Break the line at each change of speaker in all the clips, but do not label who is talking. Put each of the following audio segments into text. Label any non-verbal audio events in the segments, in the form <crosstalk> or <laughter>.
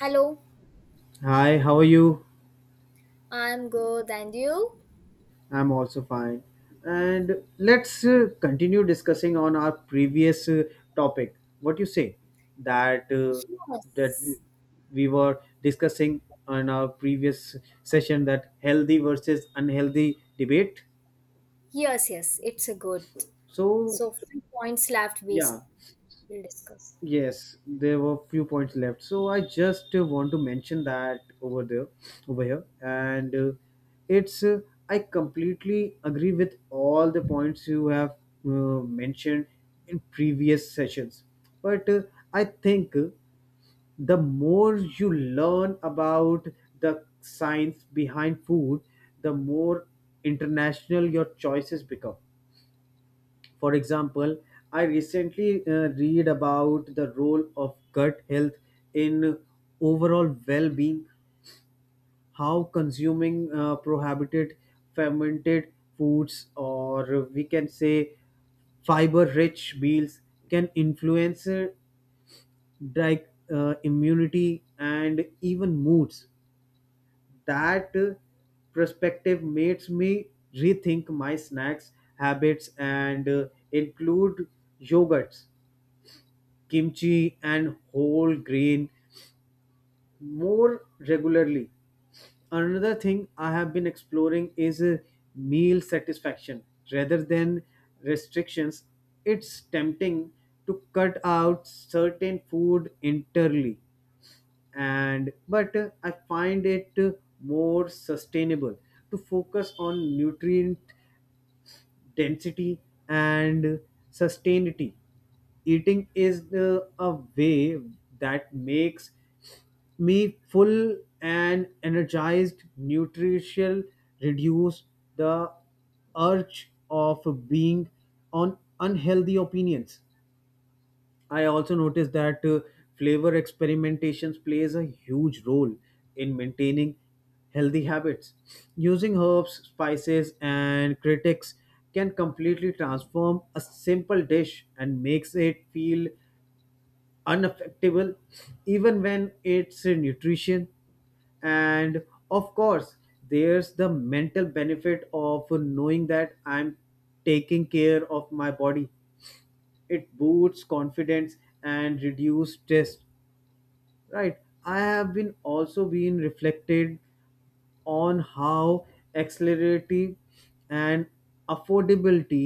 Hello,
Hi, how are you?
I'm good, and you?
I'm also fine. And let's continue discussing on our previous topic. What you say that uh, that we
Yes,
we were discussing on our previous session that healthy versus unhealthy debate.
yes, it's a good.
So
So, few points left,
yeah,
will discuss.
yes, there were few points left. So I just want to mention that over there, over here, and it's I completely agree with all the points you have uh, mentioned in previous sessions. But I think the more you learn about the science behind food, the more international your choices become for example, I recently read about the role of gut health in overall well being, how consuming prohibited fermented foods, or we can say fiber rich meals, can influence like immunity and even moods. That perspective makes me rethink my snacks habits and include yogurts kimchi and whole grain more regularly. Another thing I have been exploring is meal satisfaction rather than restrictions. It's tempting to cut out certain food entirely and but I find it more sustainable to focus on nutrient density and sustainability. Eating is the, a way that makes me full and energized, nutritional, reduce the urge of being on unhealthy opinions. I also noticed that flavor experimentations plays a huge role in maintaining healthy habits. Using herbs, spices, and critics can completely transform a simple dish and makes it feel unaffectable even when it's nutrition and of course there's the mental benefit of knowing that I'm taking care of my body. It boosts confidence and reduces stress, right? I have been also been reflected on how accelerity and affordability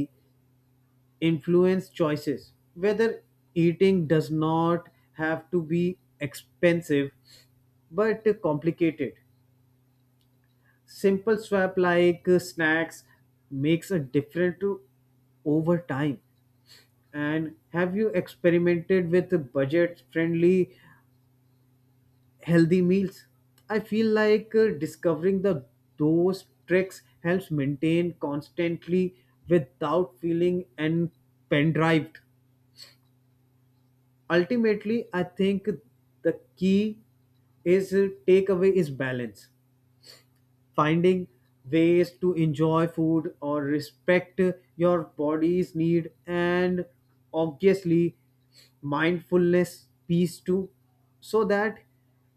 influence choices whether eating does not have to be expensive but complicated. Simple swap like snacks makes a difference over time. And have you experimented with budget friendly healthy meals? I feel like discovering the those tricks helps maintain constantly without feeling and pendrived. Ultimately, I think the key is takeaway is balance, finding ways to enjoy food or respect your body's need, and obviously mindfulness piece too, so that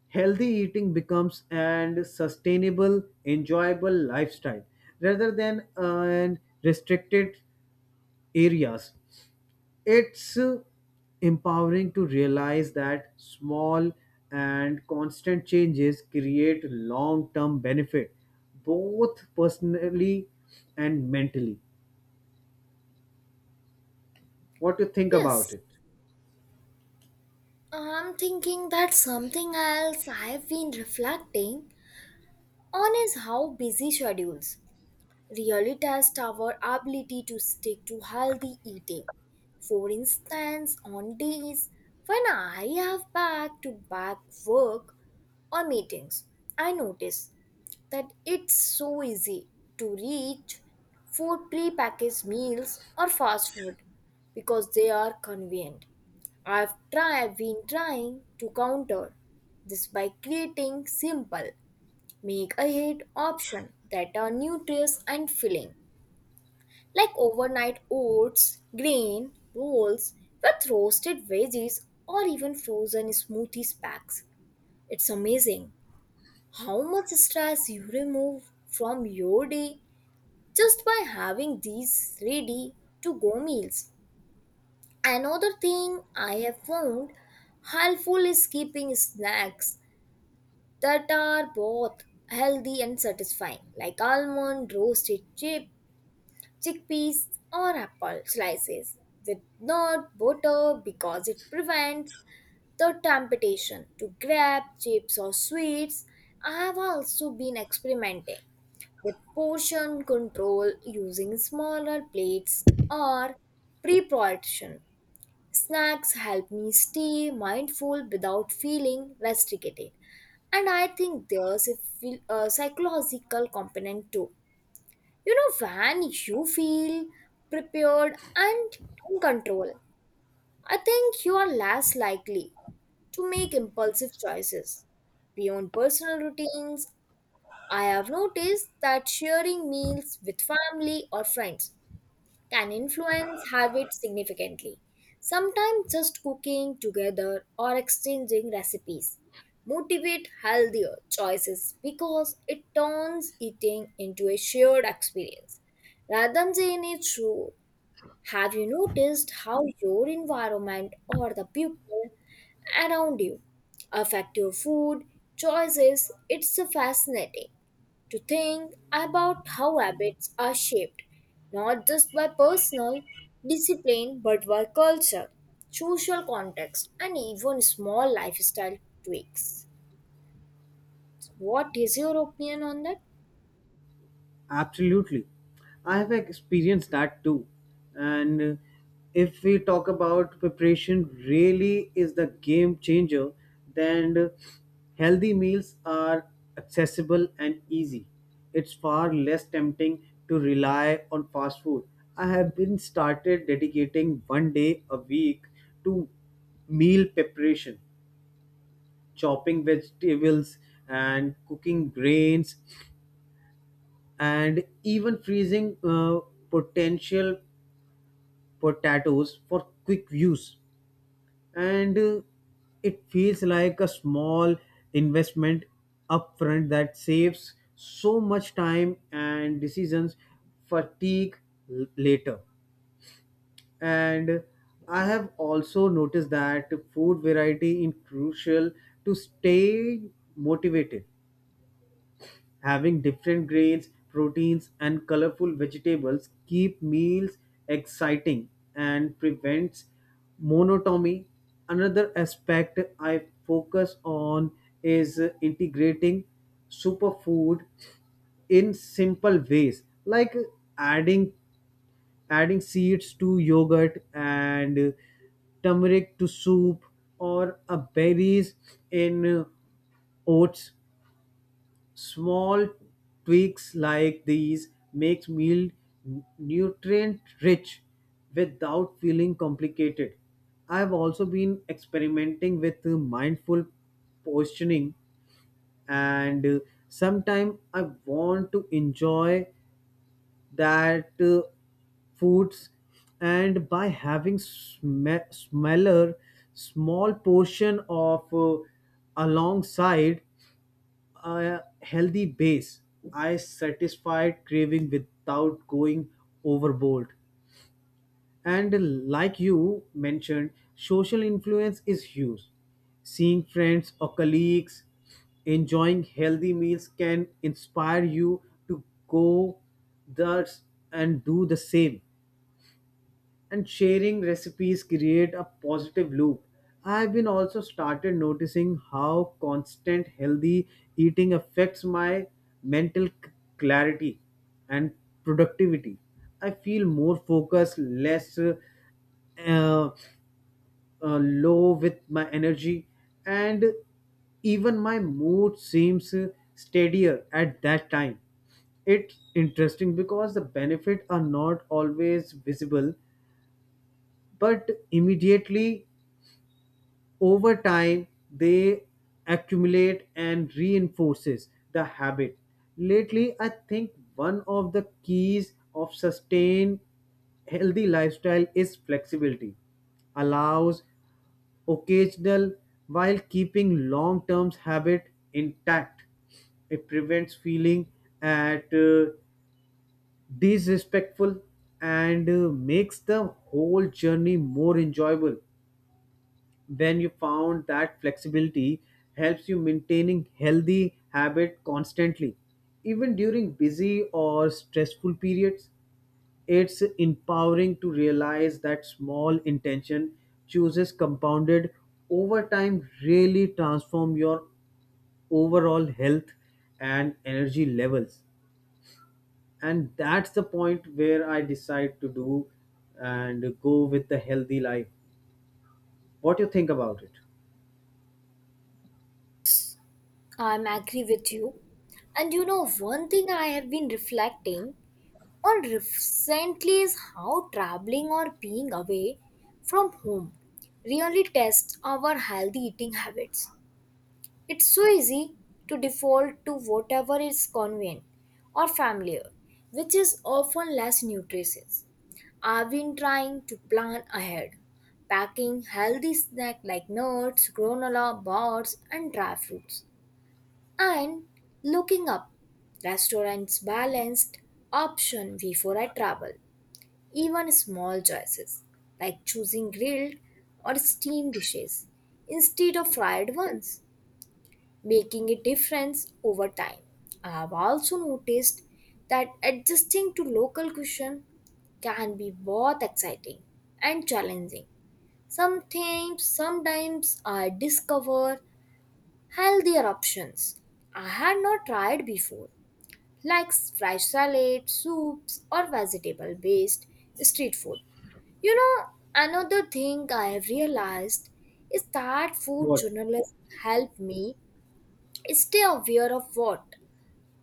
healthy eating becomes an sustainable enjoyable lifestyle rather than an restricted areas. It's empowering to realize that small and constant changes create long term benefit, both personally and mentally. What do you think about
Yes,
it?
I'm thinking that something else I've been reflecting on is how busy schedules really test our ability to stick to healthy eating. For instance, on days when I have back to back work or meetings, I notice that it's so easy to reach for pre-packaged meals or fast food because they are convenient. I've tried been trying to counter this by creating simple make ahead option that are nutritious and filling like overnight oats, grain, rolls with roasted veggies or even frozen smoothies packs. It's amazing how much stress you remove from your day just by having these ready to go meals. Another thing I have found helpful is keeping snacks that are both healthy and satisfying, like almond, roasted chip, chickpeas, or apple slices with not butter because it prevents the temptation to grab chips or sweets. I have also been experimenting with portion control using smaller plates or pre-portion. Snacks help me stay mindful without feeling restricted. And I think there's a psychological component too. You know, when you feel prepared and in control, I think you are less likely to make impulsive choices beyond personal routines. I have noticed that sharing meals with family or friends can influence habits significantly. Sometimes just cooking together or exchanging recipes motivate healthier choices because it turns eating into a shared experience. Rather than a chore, have you noticed how your environment or the people around you affect your food choices? It's fascinating to think about how habits are shaped not just by personal discipline but by culture, social context, and even small lifestyle tweaks. What is your opinion on that?
Absolutely. I have experienced that too. And if we talk about preparation, really is the game changer, then healthy meals are accessible and easy. It's far less tempting to rely on fast food. I have been started dedicating one day a week to meal preparation, chopping vegetables and cooking grains and even freezing potential potatoes for quick use. And it feels like a small investment upfront that saves so much time and decisions fatigue later. And I have also noticed that food variety is crucial to stay motivated. Having different grains, proteins, and colorful vegetables keep meals exciting and prevents monotony. Another aspect I focus on is integrating superfood in simple ways, like adding adding seeds to yogurt and turmeric to soup, or berries in oats. Small tweaks like these make meal nutrient rich without feeling complicated. I've also been experimenting with mindful positioning, and sometimes I want to enjoy that foods and by having small portion of alongside a healthy base. I satisfied craving without going overboard. And like you mentioned, social influence is huge. Seeing friends or colleagues enjoying healthy meals can inspire you to go thus and do the same, and sharing recipes create a positive loop. I've been also started noticing how constant healthy eating affects my mental clarity and productivity. I feel more focused, less uh, low with my energy, and even my mood seems steadier at that time. It's interesting because the benefits are not always visible but immediately over time they accumulate and reinforces the habit. Lately I think one of the keys of sustained healthy lifestyle is flexibility, allows occasional while keeping long-term habit intact. It prevents feeling at disrespectful, and makes the whole journey more enjoyable when you found that flexibility helps you maintaining healthy habit constantly even during busy or stressful periods. It's empowering to realize that small intention chooses compounded over time really transform your overall health and energy levels. And that's the point where I decide to do and go with the healthy life. What you think about it?
I'm agree with you. And you know, one thing I have been reflecting on recently is how traveling or being away from home really tests our healthy eating habits. It's so easy to default to whatever is convenient or familiar, which is often less nutritious. I've been trying to plan ahead, packing healthy snacks like nuts, granola bars, and dry fruits, and looking up restaurants balanced option before I travel. Even small choices like choosing grilled or steamed dishes instead of fried ones making a difference over time. I have also noticed that adjusting to local cuisine can be both exciting and challenging. Sometimes I discover healthier options I had not tried before, like fresh salad, soups, or vegetable based street food. You know, another thing I have realized is that food
What?
journalists help me stay aware of what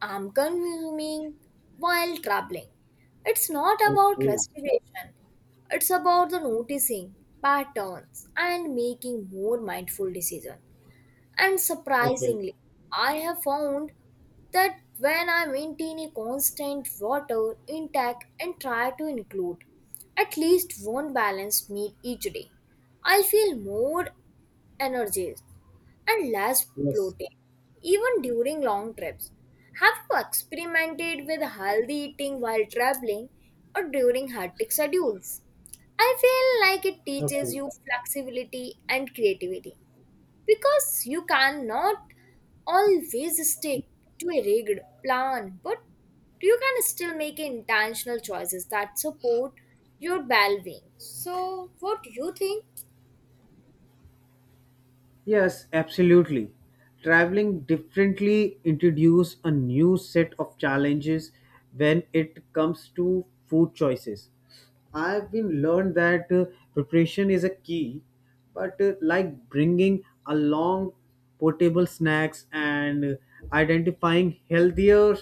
I'm consuming while traveling. It's not about
Okay.
restoration, it's about the noticing patterns and making more mindful decisions. And
Okay.
surprisingly, I have found that when I maintain a constant water intake and try to include at least one balanced meal each day, I feel more energized and less
Yes.
bloated, even during long trips. Have you experimented with healthy eating while traveling or during hectic schedules? I feel like it teaches
Okay.
you flexibility and creativity, because you cannot always stick to a rigid plan, but you can still make intentional choices that support your well-being. So, what do you think?
Yes, absolutely. Traveling differently introduce a new set of challenges when it comes to food choices. I've been learned that preparation is a key, but like bringing along portable snacks and identifying healthier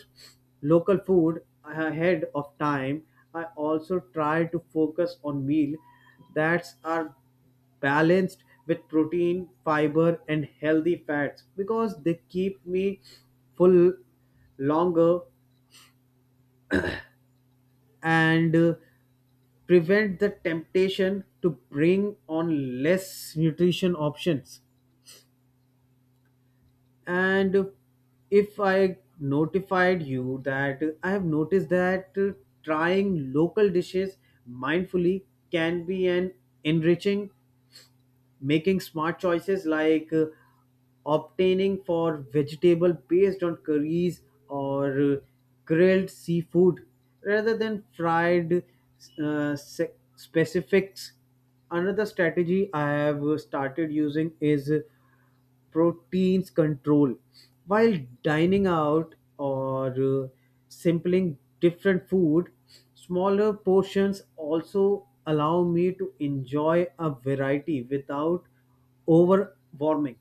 local food ahead of time. I also try to focus on meal that are balanced with protein, fiber, and healthy fats because they keep me full longer and prevent the temptation to bring on less nutrition options. And if I notified you that I have noticed that trying local dishes mindfully can be an enriching, making smart choices like obtaining for vegetable based on curries or grilled seafood rather than fried specifics. Another strategy I have started using is proteins control. While dining out or uh, sampling different food, smaller portions also allow me to enjoy a variety without overwarming.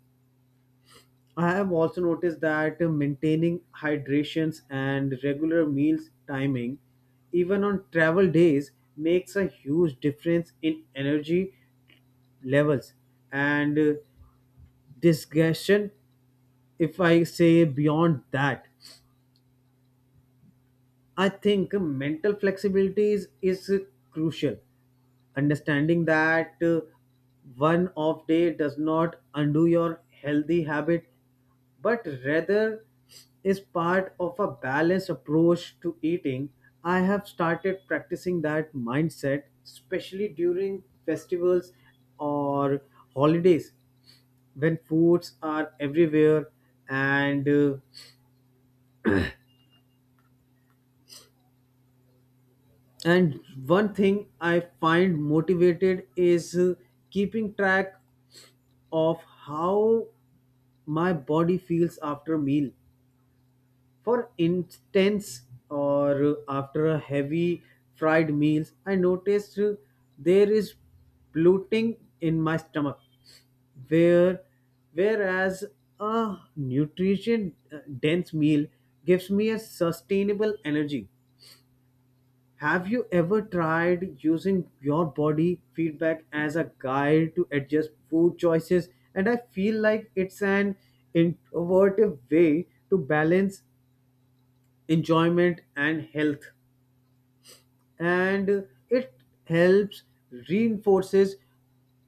I have also noticed that maintaining hydrations and regular meals timing, even on travel days, makes a huge difference in energy levels and digestion. If I say beyond that, I think mental flexibility is crucial. Understanding that one off day does not undo your healthy habit, but rather is part of a balanced approach to eating. I have started practicing that mindset, especially during festivals or holidays when foods are everywhere and uh, And one thing I find motivated is keeping track of how my body feels after a meal. For instance, or after a heavy fried meals, I noticed there is bloating in my stomach. Where, whereas a nutrition dense meal gives me a sustainable energy. Have you ever tried using your body feedback as a guide to adjust food choices? And I feel like it's an innovative way to balance enjoyment and health. And it helps reinforces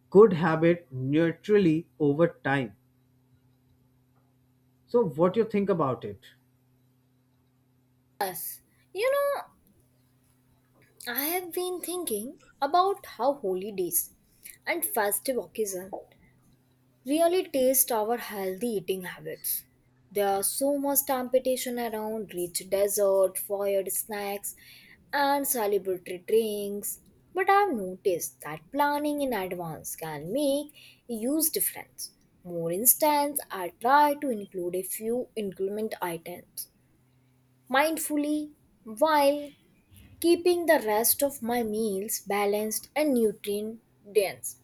good habit naturally over time. So what do you think about it?
Yes, you know, I have been thinking about how holidays and festive occasions really taste our healthy eating habits. There are so much temptation around rich dessert, fired snacks, and celebratory drinks. But I've noticed that planning in advance can make a huge difference. More instance, I try to include a few increment items mindfully while keeping the rest of my meals balanced and nutrient dense.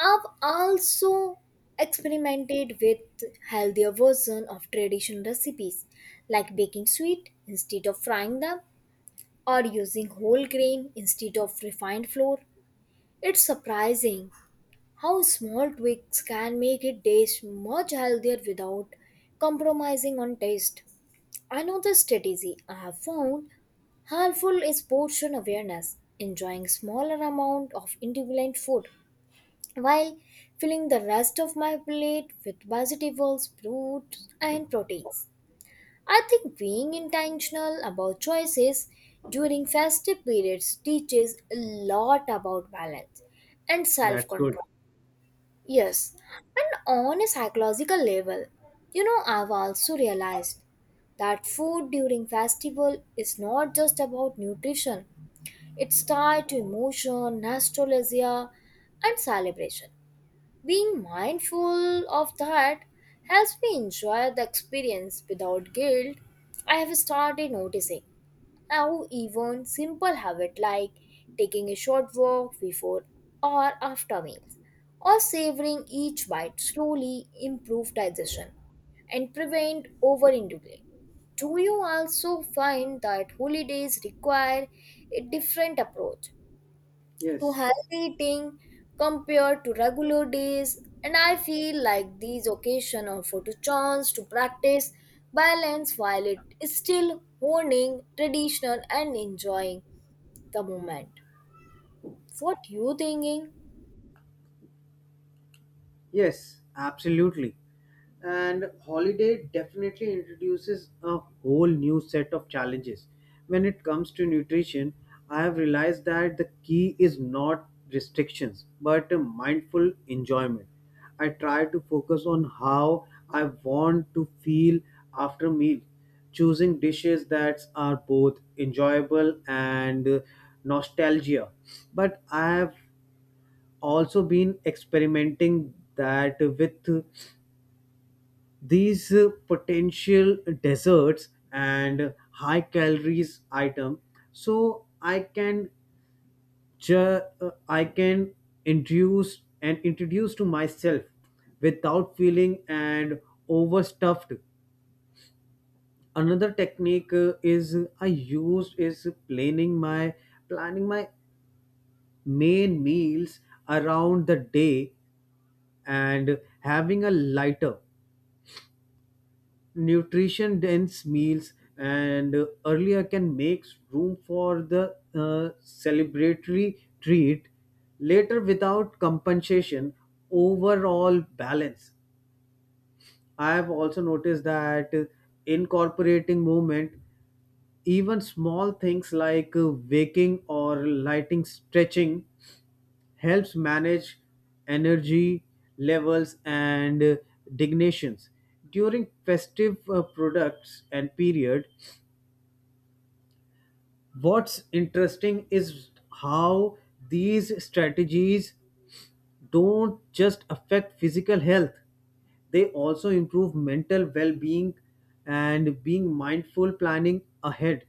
I've also experimented with healthier version of traditional recipes like baking sweet instead of frying them or using whole grain instead of refined flour. It's surprising how small tweaks can make a dish much healthier without compromising on taste. Another strategy I have found helpful is portion awareness, enjoying smaller amount of individual food while filling the rest of my plate with vegetables, fruits, and proteins. I think being intentional about choices during festive periods teaches a lot about balance and self
That's good.
control. Yes, and on a psychological level, you know, I've also realized that food during festival is not just about nutrition, it's tied to emotion nostalgia and celebration. Being mindful of that helps me enjoy the experience without guilt. I have started noticing how even simple habits, like taking a short walk before or after meals or savoring each bite slowly improve digestion and prevent overindulging. Do you also find that holidays require a different approach to
Yes.
healthy eating compared to regular days, and I feel like these occasions offer to chance to practice balance while it is still honing traditional and enjoying the moment. What you thinking?
Yes, absolutely. And holiday definitely introduces a whole new set of challenges. When it comes to nutrition, I have realized that the key is not restrictions but a mindful enjoyment. I try to focus on how I want to feel after meal, choosing dishes that are both enjoyable and nostalgia. But I have also been experimenting that with these potential desserts and high calories item so I can introduce and introduce to myself without feeling and overstuffed. Another technique is I use is planning my main meals around the day, and having a lighter nutrition dense meals and earlier can make room for the celebratory treat later without compensation overall balance. I have also noticed that incorporating movement, even small things like waking or lighting stretching, helps manage energy levels and designations during festive products and period. What's interesting is how these strategies don't just affect physical health, they also improve mental well-being. And being mindful planning ahead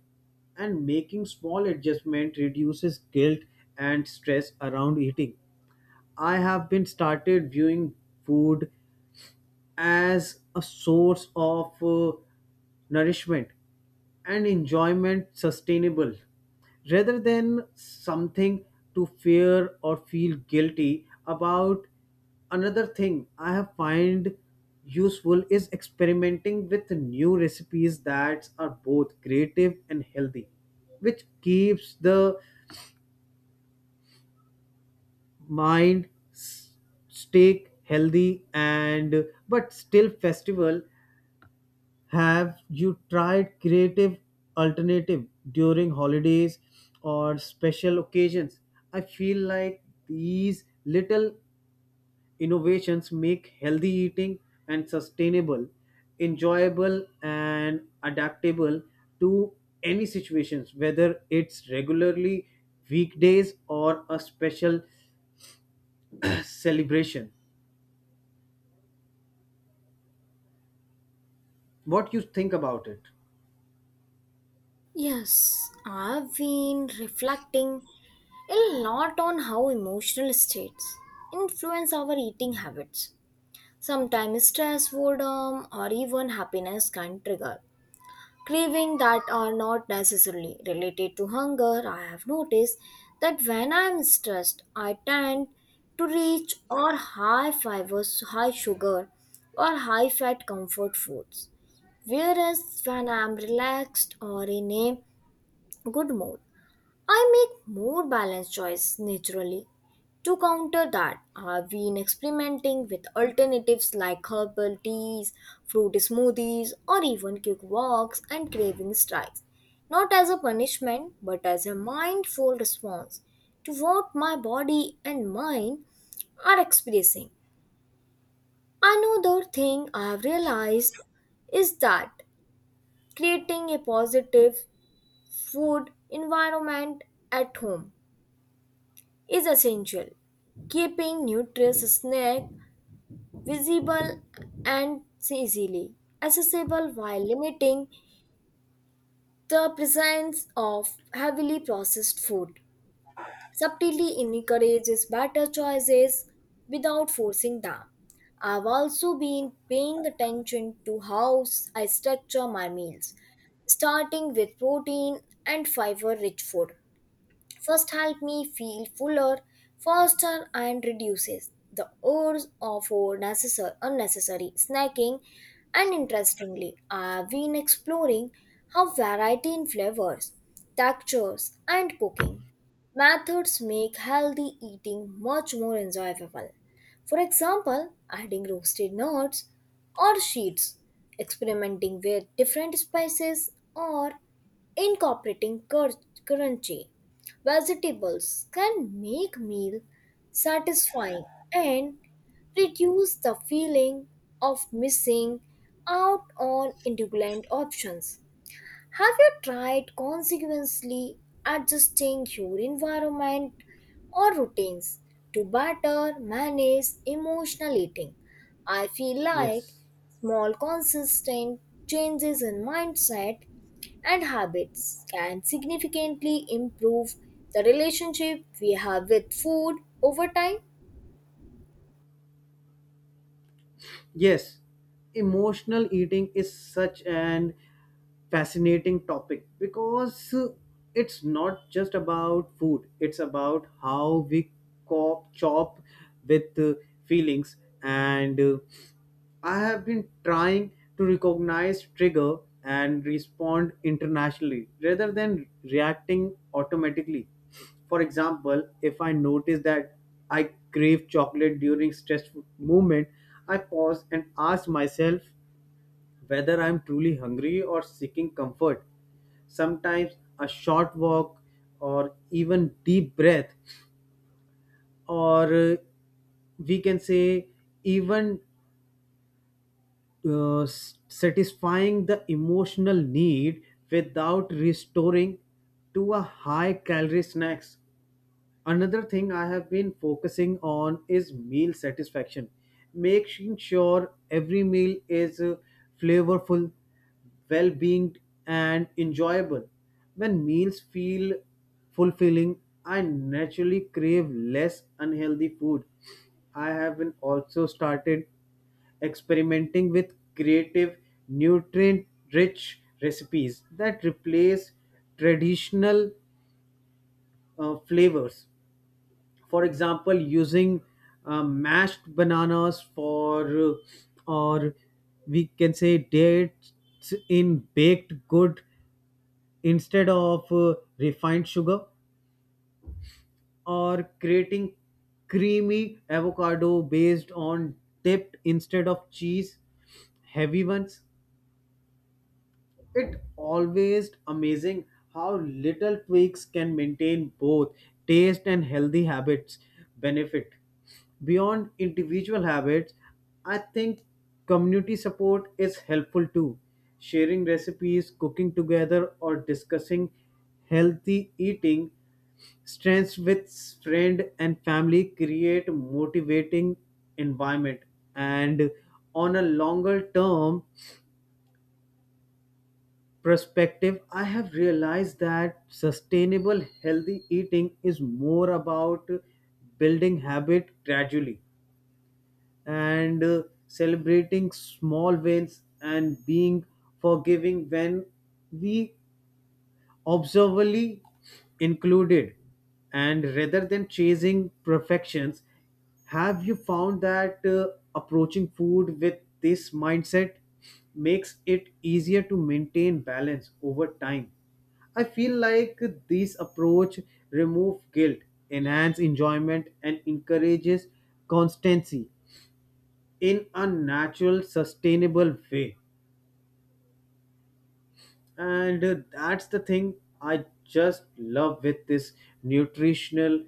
and making small adjustment reduces guilt and stress around eating. I have been started viewing food as a source of nourishment and enjoyment sustainable rather than something to fear or feel guilty about. Another thing I have find useful is experimenting with new recipes that are both creative and healthy, which keeps the mind stay healthy and but still festival. Have you tried creative alternative during holidays or special occasions? I feel like these little innovations make healthy eating and sustainable, enjoyable and adaptable to any situations, whether it's regularly weekdays or a special <clears throat> celebration. What you think about it?
Yes, I've been reflecting a lot on how emotional states influence our eating habits. Sometimes stress, boredom, or even happiness can trigger craving that are not necessarily related to hunger. I have noticed that when I am stressed, I tend to reach or high fiber, high sugar, or high fat comfort foods. Whereas when I am relaxed or in a good mood, I make more balanced choice naturally. To counter that, I've been experimenting with alternatives like herbal teas, fruit smoothies, or even quick walks and craving strikes. Not as a punishment, but as a mindful response to what my body and mind are experiencing. Another thing I've realized is that creating a positive food environment at home is essential. Keeping nutritious snack visible and easily accessible while limiting the presence of heavily processed food subtly encourages better choices without forcing them. I've also been paying attention to how I structure my meals, starting with protein and fiber rich food first help me feel fuller, faster, and reduces the urge of for necessary, unnecessary snacking. And interestingly, I've been exploring how variety in flavors, textures, and cooking methods make healthy eating much more enjoyable. For example, adding roasted nuts or seeds, experimenting with different spices, or incorporating currency vegetables can make meal satisfying and reduce the feeling of missing out on indulgent options. Have you tried consequently adjusting your environment or routines to better manage emotional eating? I feel like
Yes.
small consistent changes in mindset and habits can significantly improve the relationship we have with food over time.
Yes, emotional eating is such an fascinating topic because it's not just about food, it's about how we cop chop with feelings, and I have been trying to recognize trigger and respond internationally rather than reacting automatically. For example, if I notice that I crave chocolate during stressful moment, I pause and ask myself whether I'm truly hungry or seeking comfort. Sometimes a short walk or even deep breath or we can say even satisfying the emotional need without restoring to a high calorie snacks. Another thing I have been focusing on is meal satisfaction, making sure every meal is flavorful, well being, and enjoyable. When meals feel fulfilling, I naturally crave less unhealthy food. I have been also started experimenting with creative nutrient rich recipes that replace traditional flavors, for example using mashed bananas for or we can say dates in baked good instead of refined sugar, or creating creamy avocado based on dipped instead of cheese heavy ones. It always amazing how little tweaks can maintain both taste and healthy habits benefit. Beyond individual habits, I think community support is helpful too. Sharing recipes, cooking together, or discussing healthy eating strengths with friend and family create motivating environment. And on a longer term perspective, I have realized that sustainable healthy eating is more about building habit gradually and celebrating small wins and being forgiving when we observably included and rather than chasing perfections. Have you found that approaching food with this mindset makes it easier to maintain balance over time? I feel like this approach removes guilt, enhance enjoyment and encourages constancy in a natural sustainable way. And that's the thing I just love with this nutritional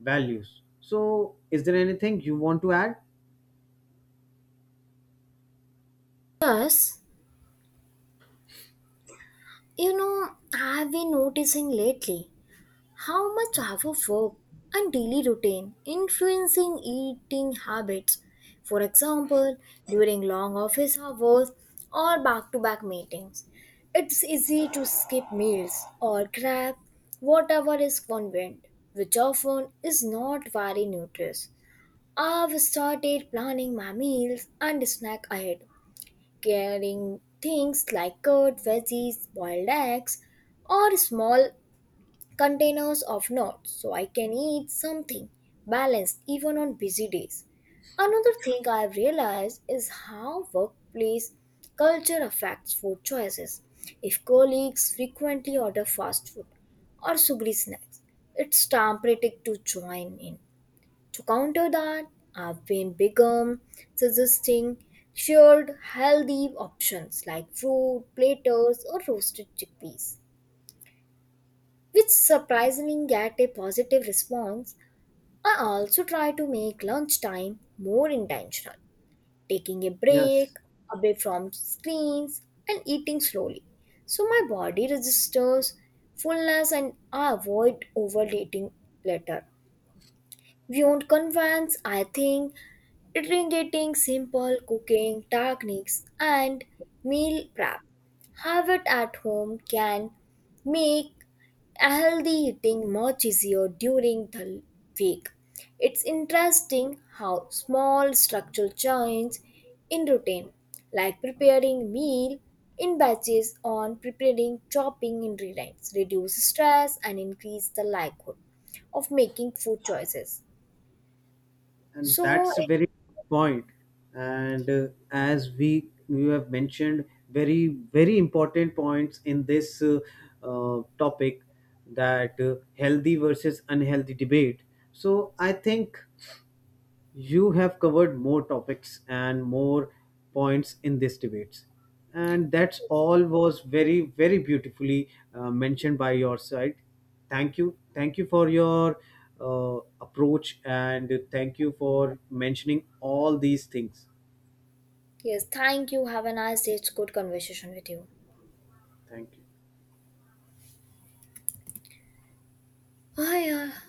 values. So is there anything you want to add?
Plus, you know, I've been noticing lately how much our work and daily routine influencing eating habits. For example, during long office hours or back-to-back meetings, it's easy to skip meals or grab whatever is convenient, which often is not very nutritious. I've started planning my meals and snack ahead, carrying things like curd, veggies, boiled eggs, or small containers of nuts so I can eat something balanced even on busy days. Another thing I've realized is how workplace culture affects food choices. If colleagues frequently order fast food or sugary snacks, it's tempting to join in. To counter that, I've been become suggesting shared healthy options like fruit, platters, or roasted chickpeas which surprisingly get a positive response. I also try to make lunchtime more intentional, taking a
Yes.
break away from screens and eating slowly, so my body registers fullness and I avoid overeating later. Beyond convenience, I think integrating simple cooking techniques and meal prep have it at home can make a healthy eating much easier during the week. It's interesting how small structural change in routine, like preparing meal in batches on preparing chopping ingredients, reduce stress and increase the likelihood of making food choices.
And
So,
that's a very good point. And as we you have mentioned very, very important points in this topic, that healthy versus unhealthy debate, so I think you have covered more topics and more points in this debate. And that's all was very, very beautifully mentioned by your side. Thank you. Thank you for your approach and thank you for mentioning all these things.
yes, thank you. Have a nice day. It's good conversation with you.
Thank you.
Oh, yeah.